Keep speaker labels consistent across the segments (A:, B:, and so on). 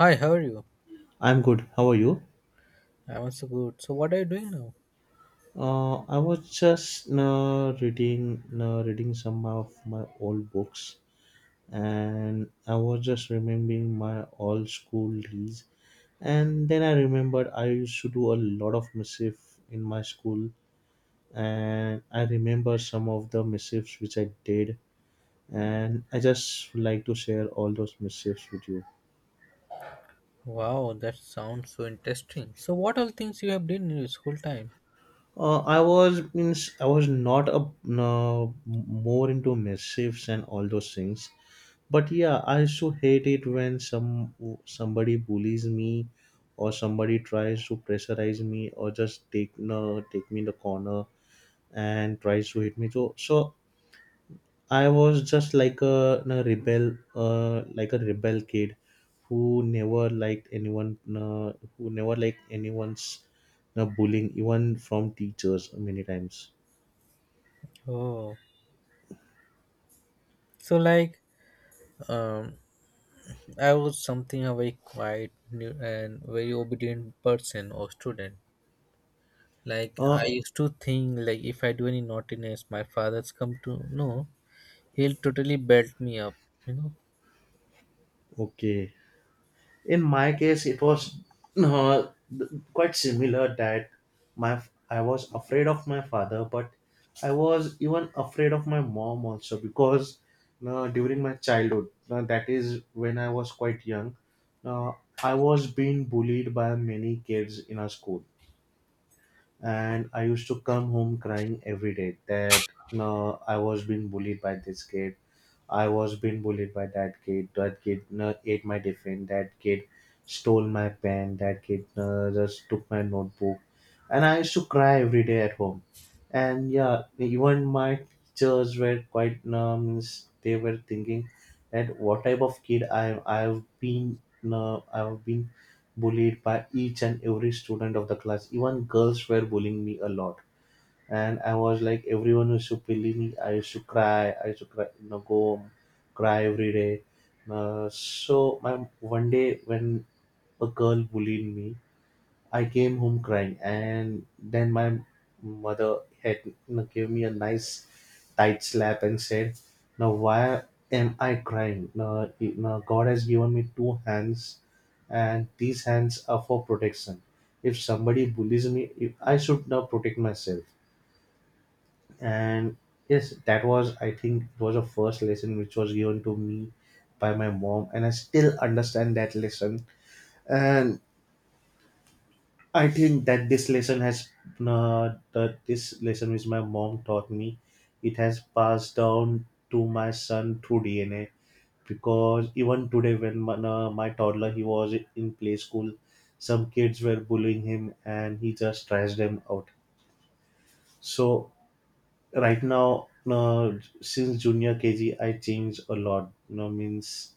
A: Hi, how are you?
B: I'm good. How are you?
A: I'm also good. So, what are you doing now?
B: I was just reading some of my old books, and I was just remembering my old school days. And then I remembered I used to do a lot of mischief in my school, and I remember some of the mischiefs which I did, and I just would like to share all those mischiefs with you.
A: Wow, that sounds so interesting. So, what all things you have done in your school time?
B: I was not a no, more into mischiefs and all those things. But yeah, I also hate it when somebody bullies me, or somebody tries to pressurize me, or just take no take me in the corner and tries to hit me. So I was just like a rebel kid who never liked anyone's bullying, even from teachers many times.
A: Oh, so like, um, I was something a very and very obedient person or student. Like, I
B: Uh
A: used to think like if I do any naughtiness, my father's come to know. He'll totally belt me up. You know?
B: okay. In my case, it was uh, quite similar, that I was afraid of my father, but I was even afraid of my mom also, because during my childhood, that is, when I was quite young, uh, I was being bullied by many kids in our school, and I used to come home crying every day that I was being bullied by this kid, I was being bullied by that kid. That kid ate my tiffin. That kid stole my pen. That kid just took my notebook. And I used to cry every day at home. And yeah, even my teachers were quite means, they were thinking that what type of kid I've been bullied by each and every student of the class. Even girls were bullying me a lot, and I was like, everyone used to bully me. I used to cry. I used to cry, go home, cry every day. One day, when a girl bullied me, I came home crying, and then my mother gave me a nice tight slap and said, "Now, why am I crying? Now, now God has given me two hands, and these hands are for protection. If somebody bullies me, if I should now protect myself." And yes, that was I think it was a first lesson which was given to me by my mom, and I still understand that lesson. And I think that this lesson has that this lesson which my mom taught me, it has passed down to my son through DNA, because even today, when my toddler, he was in play school, some kids were bullying him, and he just thrashed them out. So right now, no, since junior KG I changed a lot. No, means,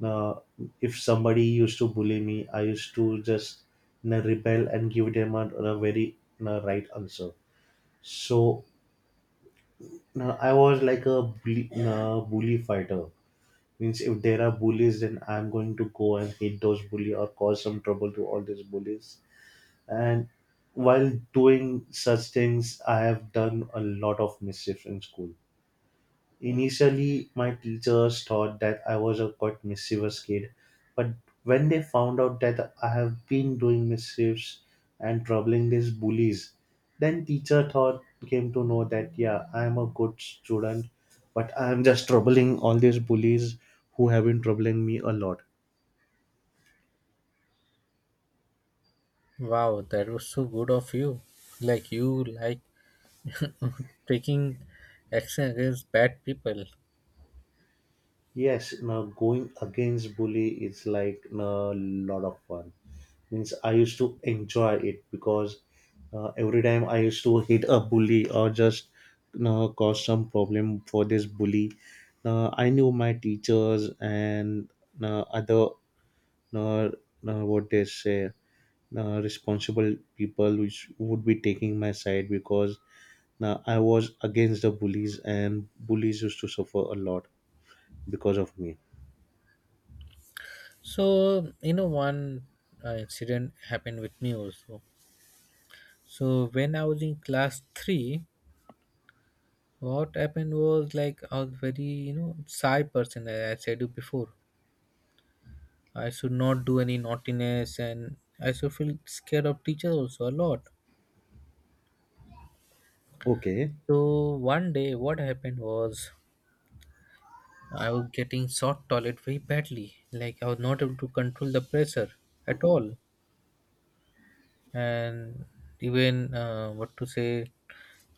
B: no, if somebody used to bully me, I used to just, no, rebel and give them a very, no, right answer. So, no, I was like a bully, no, bully fighter. Means, if there are bullies, then I'm going to go and hit those bully or cause some trouble to all these bullies. And while doing such things, I have done a lot of mischief in school. Initially, my teachers thought that I was a quite mischievous kid, but when they found out that I have been doing mischiefs and troubling these bullies, then teacher thought came to know that yeah, I am a good student, but I am just troubling all these bullies who have been troubling me a lot.
A: Wow, that was so good of you. Like you like taking action against bad people.
B: Yes, now going against bully is like a lot of fun. Means, I used to enjoy it, because every time I used to hit a bully or just cause some problem for this bully. I knew my teachers and other, uh, uh, what they say, responsible people, which would be taking my side, because I was against the bullies, and bullies used to suffer a lot because of me.
A: So you know, one incident happened with me also. So when I was in class three, what happened was like I was very shy person. As I said you before, I should not do any naughtiness, and I should feel scared of teachers also a lot.
B: Okay.
A: So one day, what happened was I was getting short toilet very badly. Like I was not able to control the pressure at all, and even what to say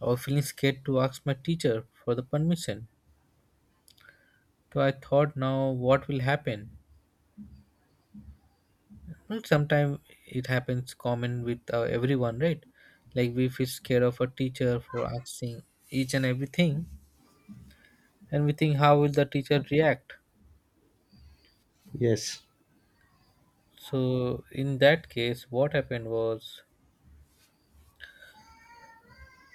A: I was feeling scared to ask my teacher for the permission. So I thought now what will happen? Well, sometimes it happens common with everyone, right? Like we feel scared of a teacher for asking each and everything and we think how will the teacher react?
B: Yes.
A: So in that case what happened was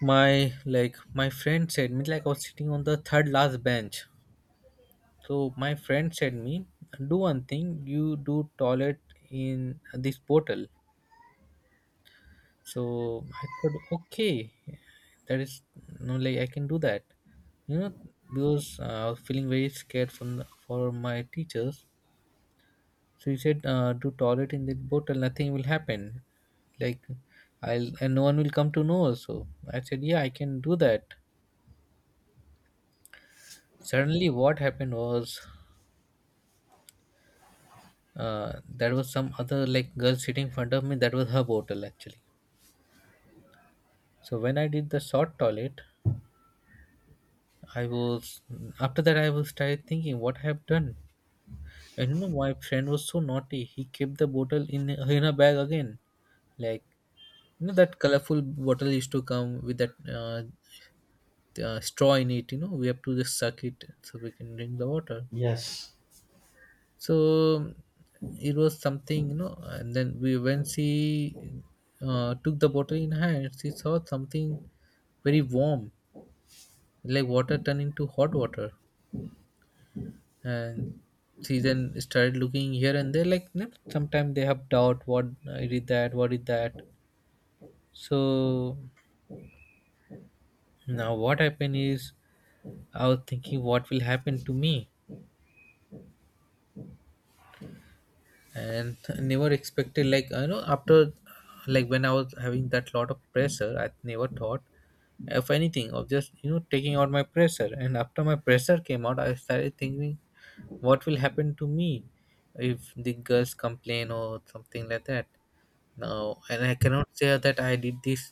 A: my friend said me like I was sitting on the third last bench. So my friend said me do one thing you do toilet in this portal. So I thought, okay, that is no like I can do that, you know, because I was feeling very scared from the, for my teachers. So he said, do toilet in the bottle, nothing will happen. Like I'll and no one will come to know. So I said, yeah, I can do that. Suddenly, what happened was there was some other like girl sitting in front of me. That was her bottle actually. So when I did the short toilet, I was after that I was started thinking what I have done. I don't know, my friend was so naughty. He kept the bottle in a bag again. Like you know that colorful bottle used to come with that uh, straw in it. You know we have to just suck it so we can drink the water.
B: Yes.
A: So it was something. And then we when she took the bottle in hand, she saw something very warm, like water turned into hot water, and she then started looking here and there. Like you know, sometimes they have doubt. What is it that? What is that? So now what happened is I was thinking what will happen to me, and never expected like you know after like when I was having that lot of pressure I never thought of anything of just taking out my pressure, and after my pressure came out I started thinking what will happen to me if the girls complain or something like that now, and I cannot say that I did this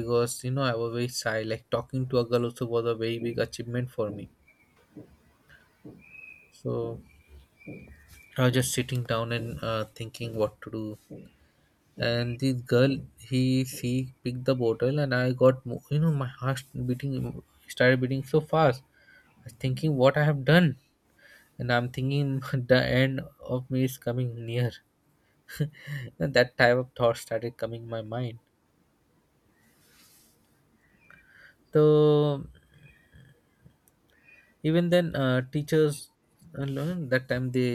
A: because I was very shy like talking to a girl also was a very big achievement for me. So I was just sitting down and thinking what to do. And this girl, he she picked the bottle, and I got you know my heart beating started beating so fast. I was thinking what I have done, and I'm thinking the end of me is coming near. And that type of thought started coming in my mind. So even then, teachers that time they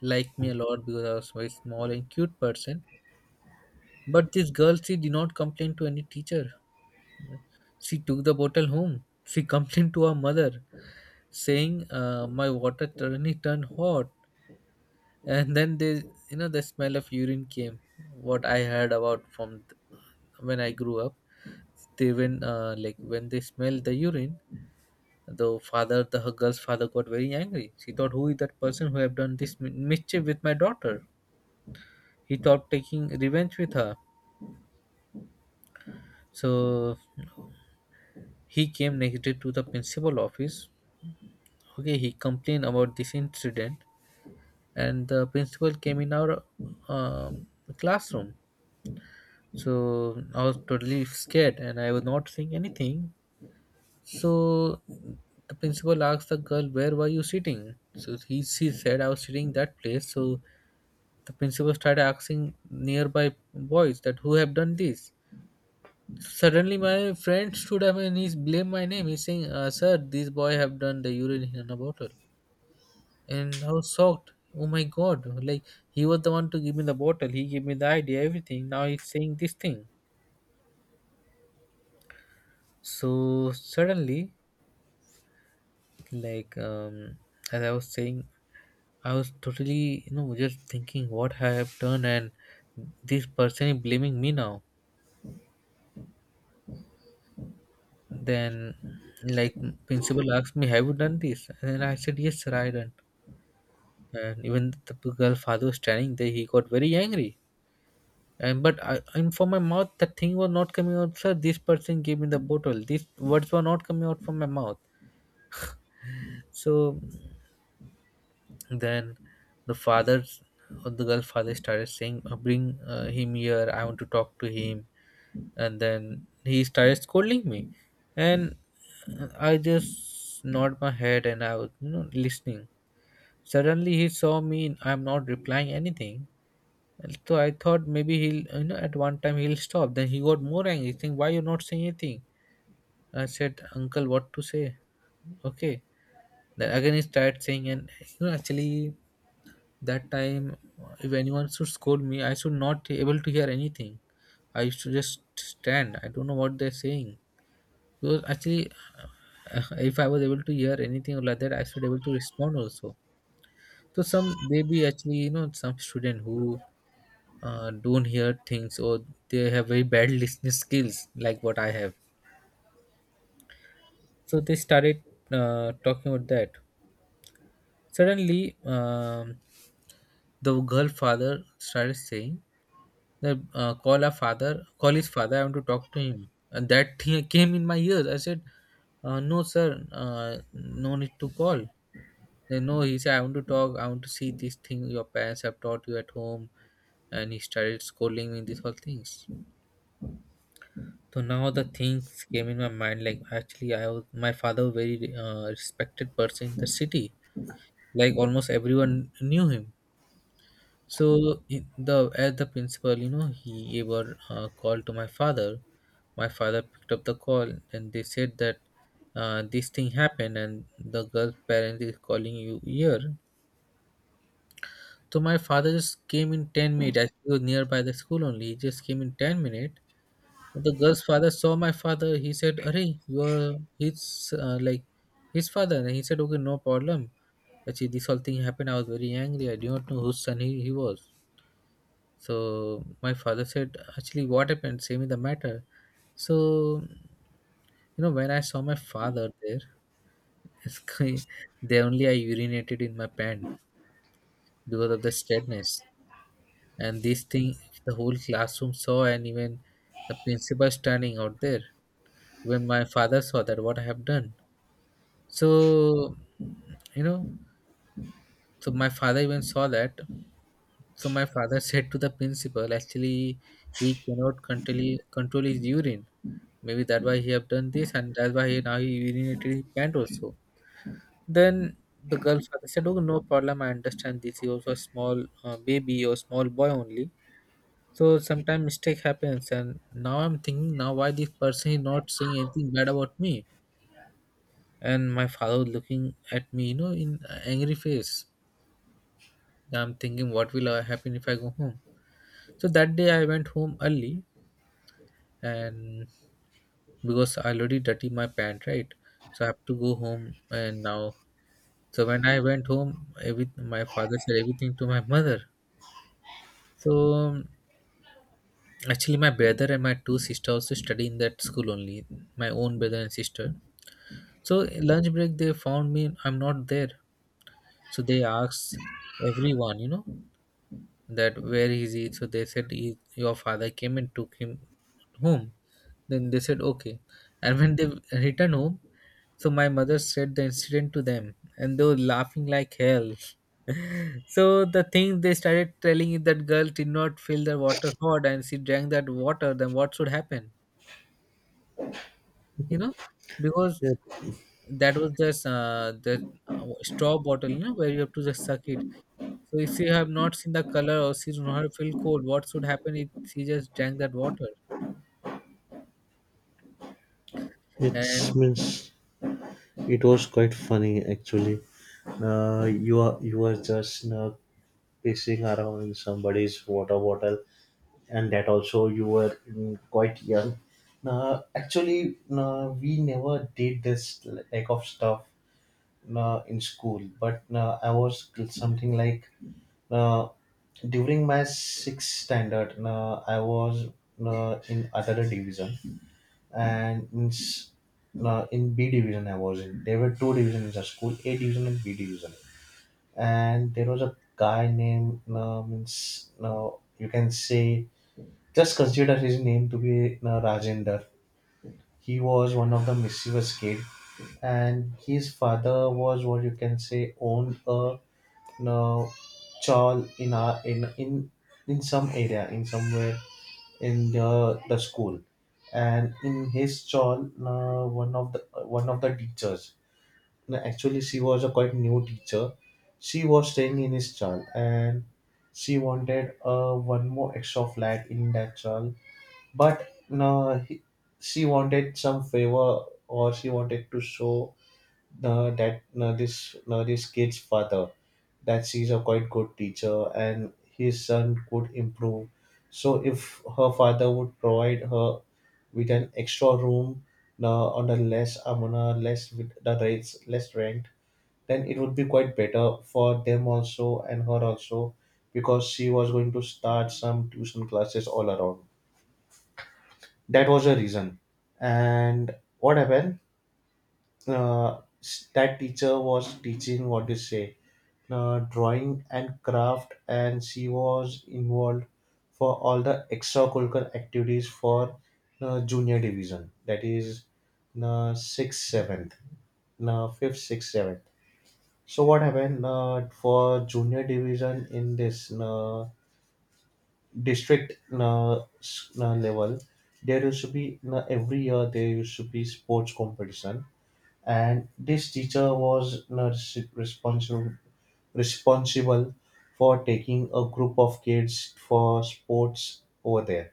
A: liked me a lot because I was very small and cute person. But this girl, she did not complain to any teacher. She took the bottle home. She complained to her mother, saying, "My water suddenly turned hot." And then they, the smell of urine came. What I heard about from when I grew up, they when like when they smelled the urine, the father, the her girl's father got very angry. She thought, "Who is that person who have done this mischief with my daughter?" He thought taking revenge with her. So he came next day to the principal office. Okay, he complained about this incident and the principal came in our um, classroom. So I was totally scared and I was not saying anything. So the principal asked the girl where were you sitting, so she said I was sitting that place. So the principal started asking nearby boys that who have done this. Suddenly my friend stood up and he blamed my name, he's saying sir this boy have done the urine in a bottle. And I was shocked. Oh my god! Like he was the one to give me the bottle. He gave me the idea, everything. Now he's saying this thing. So suddenly, like as I was saying, I was totally just thinking what I have done, and this person is blaming me now. Then, like principal asked me, "Have you done this?" And then I said, "Yes, sir, I done." And even the girl father was standing there, he got very angry. And but I, and from my mouth, the thing was not coming out. Sir, this person gave me the bottle. These words were not coming out from my mouth. So then, the father or the girl father started saying, Bring him here. I want to talk to him." And then he started scolding me, and I just nod my head and I was listening. Suddenly he saw me. I'm not replying anything. So I thought maybe he'll you know at one time he'll stop. Then he got more angry, saying, "Why you're not saying anything?" I said, "Uncle, what to say?" Okay. Then again he started saying, and you know, actually that time, if anyone should scold me, I should not able to hear anything. I used to just stand. I don't know what they're saying because actually, if I was able to hear anything like that, I should able to respond also. So some they be actually you know some student who don't hear things or they have very bad listening skills like what I have. So they started talking about that. Suddenly, the girl father started saying that call our father, call his father. I want to talk to him. And that thing came in my ears. I said, no, sir, no need to call. Then no, he said, I want to talk. I want to see this thing your parents have taught you at home. And he started scolding me these whole things. So now the things came in my mind. Like actually, I was my father was very respected person in the city. Like almost everyone knew him. So in the as the principal, you know, he ever called to my father. My father picked up the call, and they said that this thing happened, and the girl's parent is calling you here. So my father just came in 10 minutes. I was nearby the school only. He just came in 10 minutes. The girl's father saw my father. He said, "Arey, you are his like his father." And he said, "Okay, no problem. Actually, this whole thing happened. I was very angry. I do not know whose son he was." So my father said, actually, what happened? Say me the matter. So, you know, when I saw my father there, it's they only I urinated in my pant because of the steadiness. And this thing, the whole classroom saw, and even the principal standing out there. When my father saw that, what I have done. So, you know, so my father even saw that. So my father said to the principal, actually, he cannot control his urine. Maybe that why he have done this, and that's why he, now he urinated his pant also. Then the girl father said, "Oh, no problem. I understand this. He also a small baby or small boy only. So sometimes mistake happens." And now I'm thinking, now why this person is not saying anything bad about me? And my father was looking at me, you know, in a angry face. I'm thinking, what will happen if I go home? So that day I went home early and because I already dirty my pant, right? So I have to go home and now. So when I went home, every, my father said everything to my mother. So actually, my brother and my two sisters also study in that school only. My own brother and sister. So in lunch break, they found me. I'm not there. So they asked everyone, you know. That, where is he? So they said, he, your father came and took him home. Then they said, okay. And when they returned home, so my mother said the incident to them, and they were laughing like hell. So the thing they started telling is, that girl did not fill the water hot and she drank that water, then what should happen you know because
B: It,
A: that was just the, straw bottle, you know, where you have to just suck it. So if she have not seen the color or she do not feel cold, what should happen if she just drank that water?
B: it's
A: And
B: means it was quite funny actually. You were just pissing around in somebody's water bottle, and that also, you were, quite young. Now, actually, no, we never did this like of stuff, no, in school, but no, I was something like, no, during my sixth standard, no, I was, no, in other division, and in B division I was in. There were two divisions in the school, A division and B division. And there was a guy named, means, now you can say, just consider his name to be Rajender. He was one of the mischievous kid, and his father was, what you can say, owned a you chawl in our, in some area, in somewhere, in the school. And in his stall, one of the teachers, no, actually she was a quite new teacher, she was staying in his stall. And she wanted one more extra flat in that stall, but no, she wanted some favor, or she wanted to show that this kid's father that she's a quite good teacher, and his son could improve. So if her father would provide her with an extra room, on a less amount a less with the rates less rent, then it would be quite better for them also and her also, because she was going to start some tuition classes all around. That was the reason. And what happened, uh, that teacher was teaching, what to say, drawing and craft, and she was involved for all the extracurricular activities for junior division, that is 6th 7th, 5th 6th 7th. So what happened, for junior division in this district level, there used to be every year there used to be sports competition. And this teacher was not responsible for taking a group of kids for sports over there.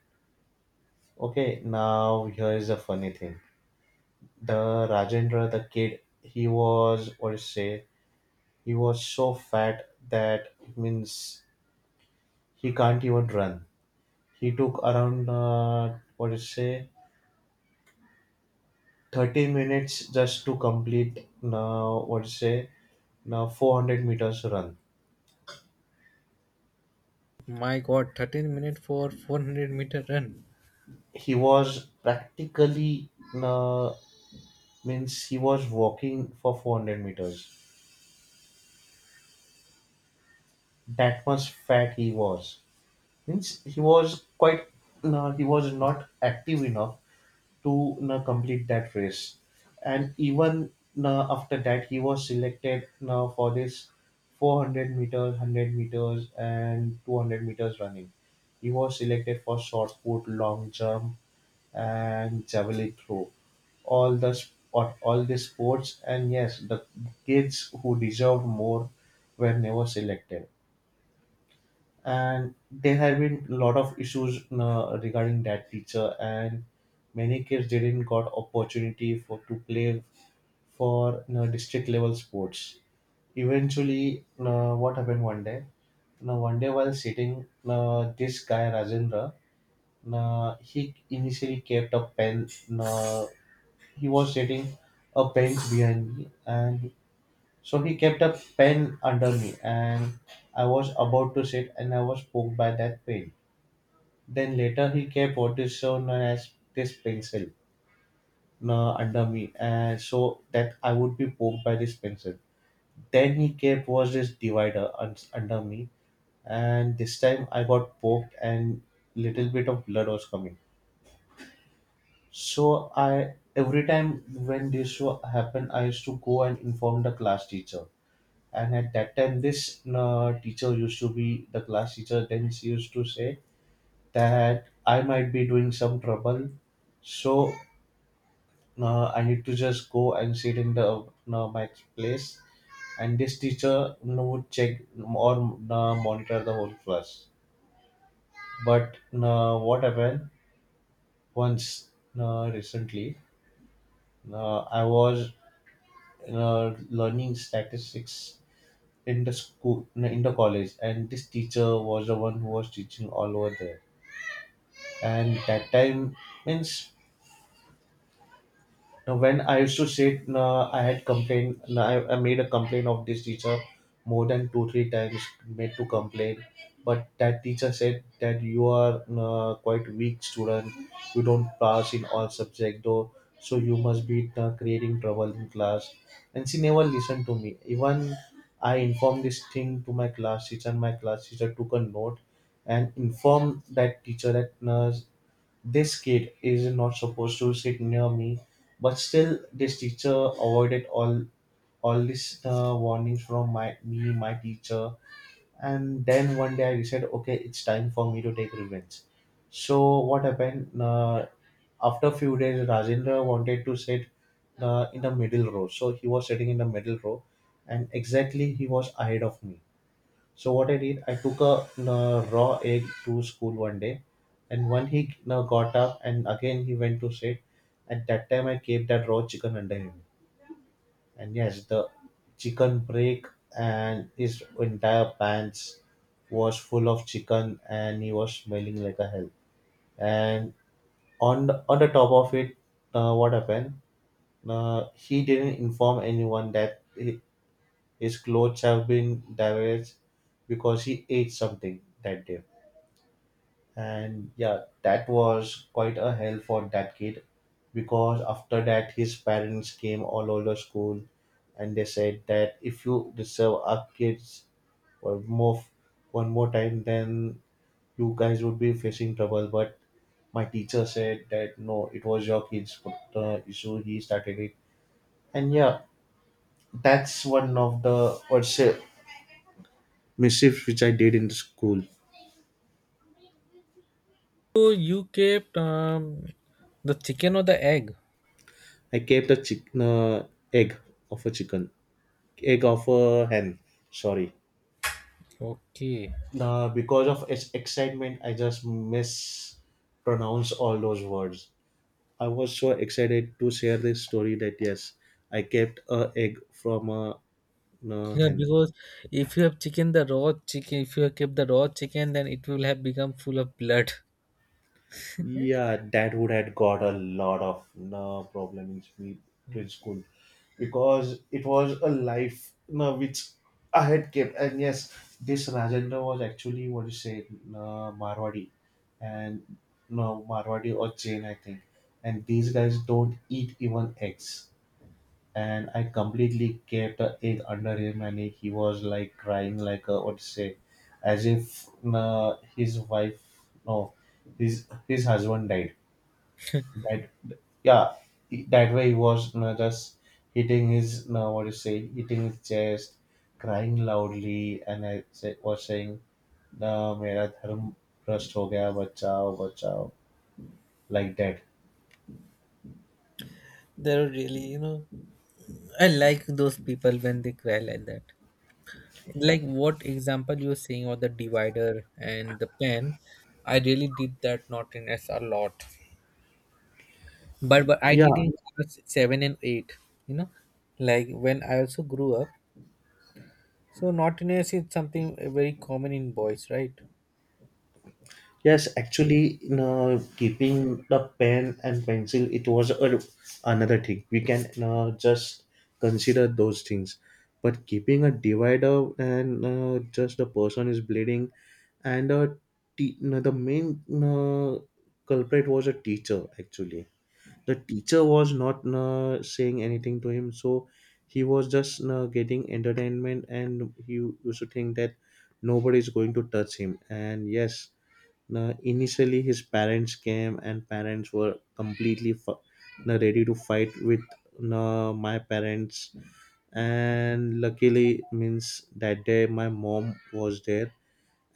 B: Okay, now here is a funny thing. The Rajendra, the kid, he was, what to say? He was so fat that, it means, he can't even run. He took around, what to say, 30 minutes just to complete, now what to say, now 400 meters run.
A: my God, 13 minutes for 400-meter run.
B: He was practically, uh, means, he was walking for 400 meters. That much fat he was. Means, he was quite, he was not active enough to complete that race. And even after that, he was selected for this 400 meters, 100 meters, and 200 meters running. He was selected for shot put, long jump, and javelin throw, all the sports. And yes, the kids who deserved more were never selected. And there have been a lot of issues regarding that teacher, and many kids didn't got opportunity for to play for district level sports. Eventually, what happened one day? Now, one day while sitting, this guy Rajendra, he initially kept a pen. uh, he was sitting a bench behind me, and so he kept a pen under me, and I was about to sit, and I was poked by that pen. Then later he kept what is so known as this pencil under me, and so that I would be poked by this pencil. Then he kept was this divider under me, and this time I got poked, and little bit of blood was coming. So I, every time when this show happened, I used to go and inform the class teacher. And at that time, this teacher used to be the class teacher. Then she used to say that I might be doing some trouble, so I need to just go and sit in the my place. And this teacher, would check or monitor the whole class. But what happened once, recently? I was learning statistics in the school, no, in the college, and this teacher was the one who was teaching all over there. And that time, means, now when I used to sit, I had complained. I made a complaint of this teacher more than two, three times, made to complain. But that teacher said that you are quite weak student, you don't pass in all subject though, so you must be creating trouble in class. And she never listened to me. Even I informed this thing to my class teacher, and my class teacher took a note and informed that teacher that this kid is not supposed to sit near me. But still, this teacher avoided all these warnings from my teacher. And then one day I said, okay, it's time for me to take revenge. So what happened? After a few days, Rajendra wanted to sit in the middle row. So he was sitting in the middle row, and exactly he was ahead of me. So what I did, I took a raw egg to school one day, and when he got up and again he went to sit, at that time I kept that raw chicken under him, and yes, the chicken break and his entire pants was full of chicken, and he was smelling like a hell. And on the top of it, what happened? He didn't inform anyone that his clothes have been damaged because he ate something that day, and yeah, that was quite a hell for that kid because after that his parents came all over school, and they said that if you disturb our kids one more one more time, then you guys would be facing trouble. But my teacher said that no, it was your kid's issue, he started it. And yeah, that's one of the what's say mischiefs which I did in the school.
A: So you kept the chicken or the egg?
B: I kept a egg of a chicken. Egg of a hen. Sorry,
A: Okay.
B: the because of its excitement, I just mispronounce all those words. I was so excited to share this story that yes, I kept a egg from a
A: Yeah,
B: hen.
A: because if you have chicken, the raw chicken, if you have kept the raw chicken, then it will have become full of blood.
B: Yeah, that would had got a lot of no problem in in school because it was a life no, which I had kept. And yes, this Rajendra was actually what you say, no, Marwadi, and no, Marwadi or Jain, I think. And these guys don't eat even eggs. And I completely kept an egg under him, and he was like crying, like a, what you say, as if no, his wife, no, his husband died, that yeah, that way he was, you know, just hitting his now what do you say, hitting his chest, crying loudly, and was saying, "ना मेरा धर्म भ्रष्ट हो गया बचाओ बचाओ," like that.
A: They're really, I like those people when they cry like that. Like what example you're saying, or the divider and the pen. I really did that, not in s a lot, but I
B: Yeah,
A: did in class 7 and 8. You know, like when I also grew up, so naughtiness is something very common in boys, right?
B: yes, actually, you know, keeping the pen and pencil, it was a, another thing. We can just consider those things. But keeping a divider and just the person is bleeding, and you know, the main culprit was a teacher, actually. The teacher was not saying anything to him, so he was just getting entertainment, and he used to think that nobody is going to touch him. And yes, now, initially, his parents came, and parents were completely now ready to fight with now my parents. And luckily, means that day my mom was there,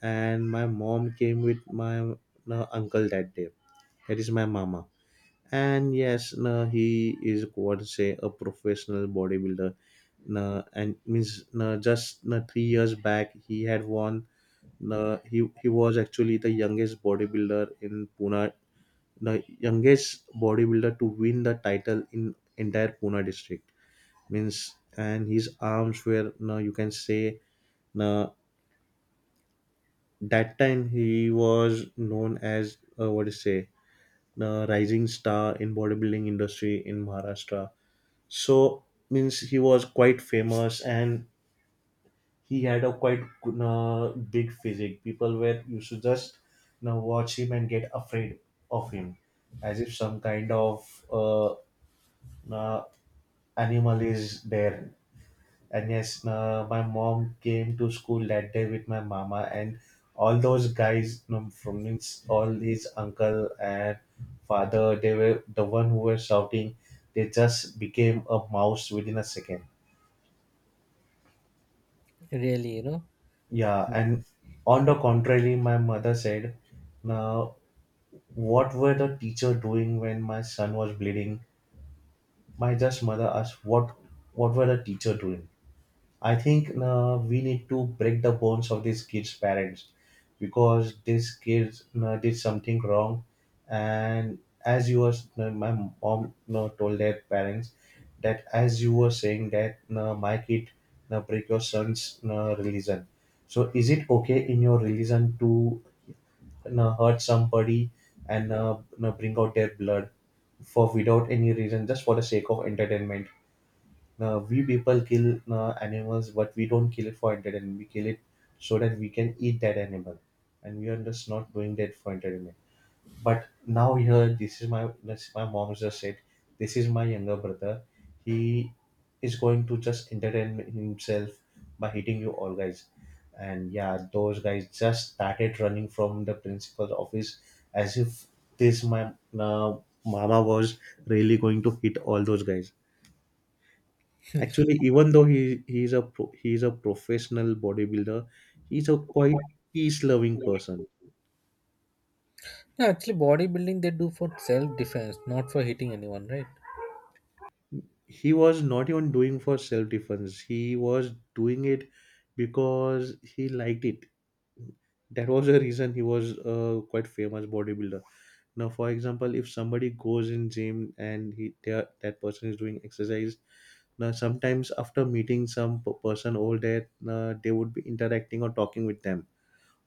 B: and my mom came with my now uncle that day. That is my mama. And yes, now he is what to say a professional bodybuilder. Now, and means now just now 3 years back he had won. Na, he was actually the youngest bodybuilder in Pune, the youngest bodybuilder to win the title in entire Pune district. Means and his arms were now you can say, na, that time he was known as what do you say, the rising star in bodybuilding industry in Maharashtra. So means he was quite famous and he had a quite big physique. People were used to just, you know, watch him and get afraid of him, as if some kind of uh, uh, animal is there. And yes, my mom came to school that day with my mama, and all those guys, you know, from means all his uncle and father, they were the one who were shouting. They just became a mouse within a second.
A: Really, you know.
B: Yeah,
A: No.
B: and on the contrary, my mother said, now, what were the teacher doing when my son was bleeding? My just mother asked, what were the teacher doing? I think we need to break the bones of these kids' parents because these kids did something wrong, and as you was my mom told their parents that as you were saying that my kid break your son's religion. So is it okay in your religion to hurt somebody and bring out their blood for without any reason just for the sake of entertainment? Now, we people kill animals, but we don't kill it for entertainment. We kill it so that we can eat that animal, and we are just not doing that for entertainment. But now here, this my mom just said, this is my younger brother. He is going to just entertain himself by hitting you all guys, and yeah, those guys just started running from the principal's office as if this my uh, mama was really going to hit all those guys. Actually, even though he's a pro, he's a professional bodybuilder, he's a quite peace-loving person.
A: Actually, bodybuilding, they do for self defense, not for hitting anyone, right?
B: He was not even doing for self-defense. He was doing it because he liked it. That was the reason he was a quite famous bodybuilder. Now, for example, if somebody goes in gym and he they are, that person is doing exercise, now sometimes after meeting some person over there, they would be interacting or talking with them.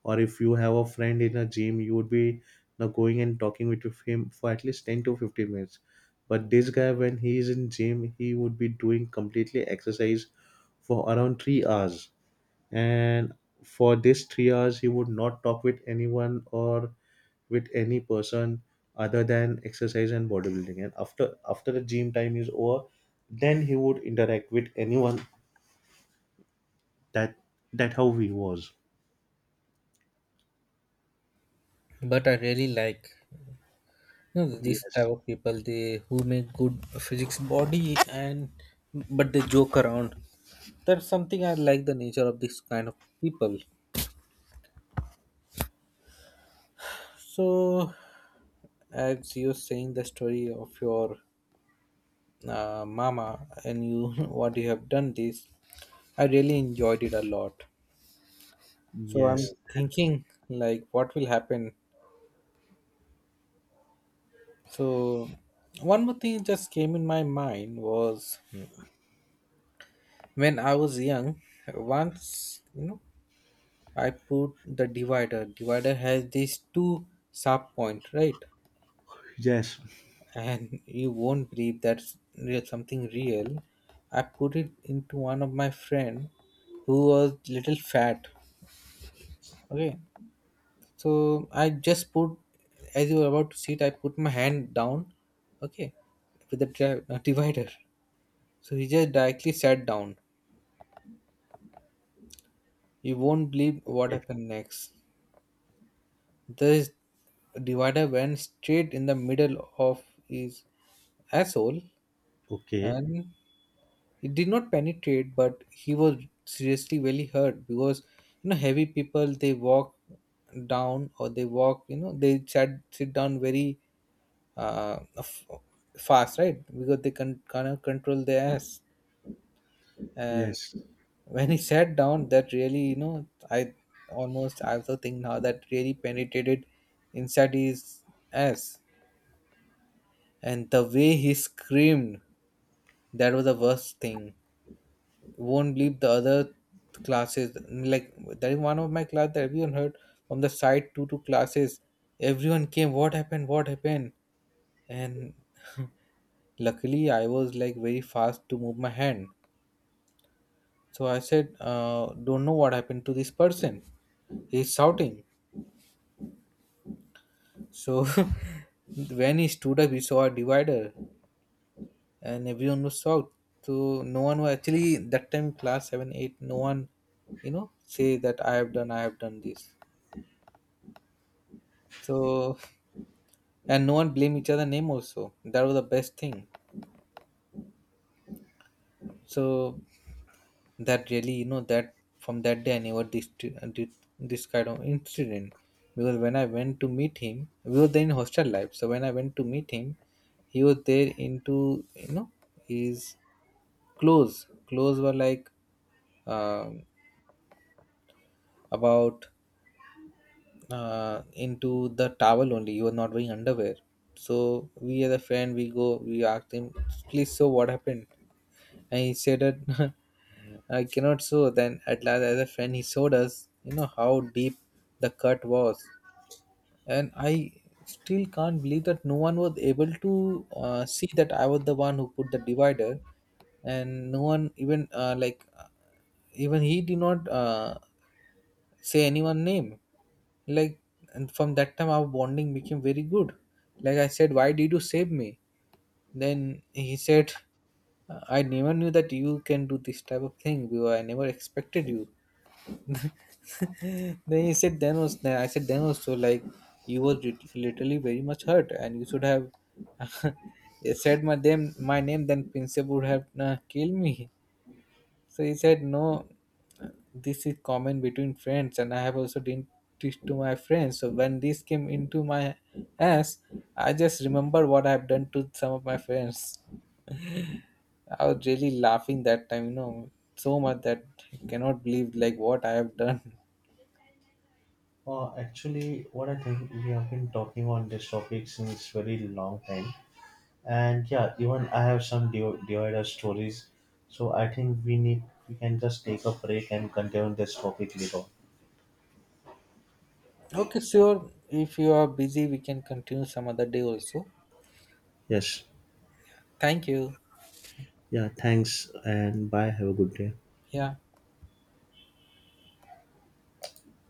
B: Or if you have a friend in a gym, you would be now going and talking with him for at least 10 to 15 minutes, but this guy when he is in gym he would be doing completely exercise for around 3 hours, and for this 3 hours he would not talk with anyone or with any person other than exercise and bodybuilding. And after after the gym time is over, then he would interact with anyone. That that how he was.
A: But I really like, these
B: Yes.
A: type of people, they who make good physics body. And but they joke around, that's something I like, the nature of this kind of people. So as you're saying the story of your mama and you, what you have done this, I really enjoyed it a lot. So I'm
B: Yes.
A: thinking like what will happen. So one more thing just came in my mind was, when I was young, once, I put the divider. Divider has these two sharp point, right?
B: Yes.
A: And you won't believe, that's real, something real. I put it into one of my friend who was little fat. Okay, so I just put, as you were about to sit, I put my hand down. Okay, with the divider. So he just directly sat down. You won't believe what
B: Okay.
A: happened next. This divider went straight in the middle of his asshole,
B: Okay,
A: and it did not penetrate, but he was seriously really hurt because heavy people, they walk down, or they walk, they sat sit down very uh f- fast, right? Because they can kind of control their ass. And
B: yes.
A: when he sat down, that really, I also think now that really penetrated inside his ass. And the way he screamed, that was the worst thing. Won't believe, the other classes, like, that is one of my class that everyone heard from the side, two classes. Everyone came, what happened, what happened? And luckily I was like very fast to move my hand. So I said, don't know what happened to this person, he's shouting. So when he stood up, he saw a divider, and everyone was shocked. So no one was actually that time, class 7 8, no one, say that I have done this. So, and no one blame each other name also. That was the best thing. So that really, that from that day I never did this kind of incident. Because when I went to meet him, we were then in hostel life. So when I went to meet him, he was there into his clothes. Clothes were like um about into the towel only. He was not wearing underwear. So we, as a friend, we go, we asked him, please, so what happened? And he said that, I cannot sew. Then at last, as a friend, he showed us, how deep the cut was. And I still can't believe that no one was able to see that I was the one who put the divider. And no one even, like, even he did not say anyone name. Like, and from that time, our bonding became very good. Like I said, why did you save me? Then he said, I never knew that you can do this type of thing. Viva. I never expected you." Then he said, then was, then I said, then also, like you were literally very much hurt, and you should have said my name. My name, then principal would have killed me. So he said, no, this is common between friends, and I have also didn't teach to my friends. So when this came into my ass, I just remember what I have done to some of my friends. I was really laughing that time, so much that I cannot believe like what I have done.
B: Actually, what I think, we have been talking on this topic since very long time, and yeah, even I have some Dioida stories. So I think we can just take a break and continue this topic later.
A: Okay, sure. If you are busy, we can continue some other day also.
B: Yes.
A: Thank you.
B: Yeah, thanks and bye. Have a good day.
A: Yeah.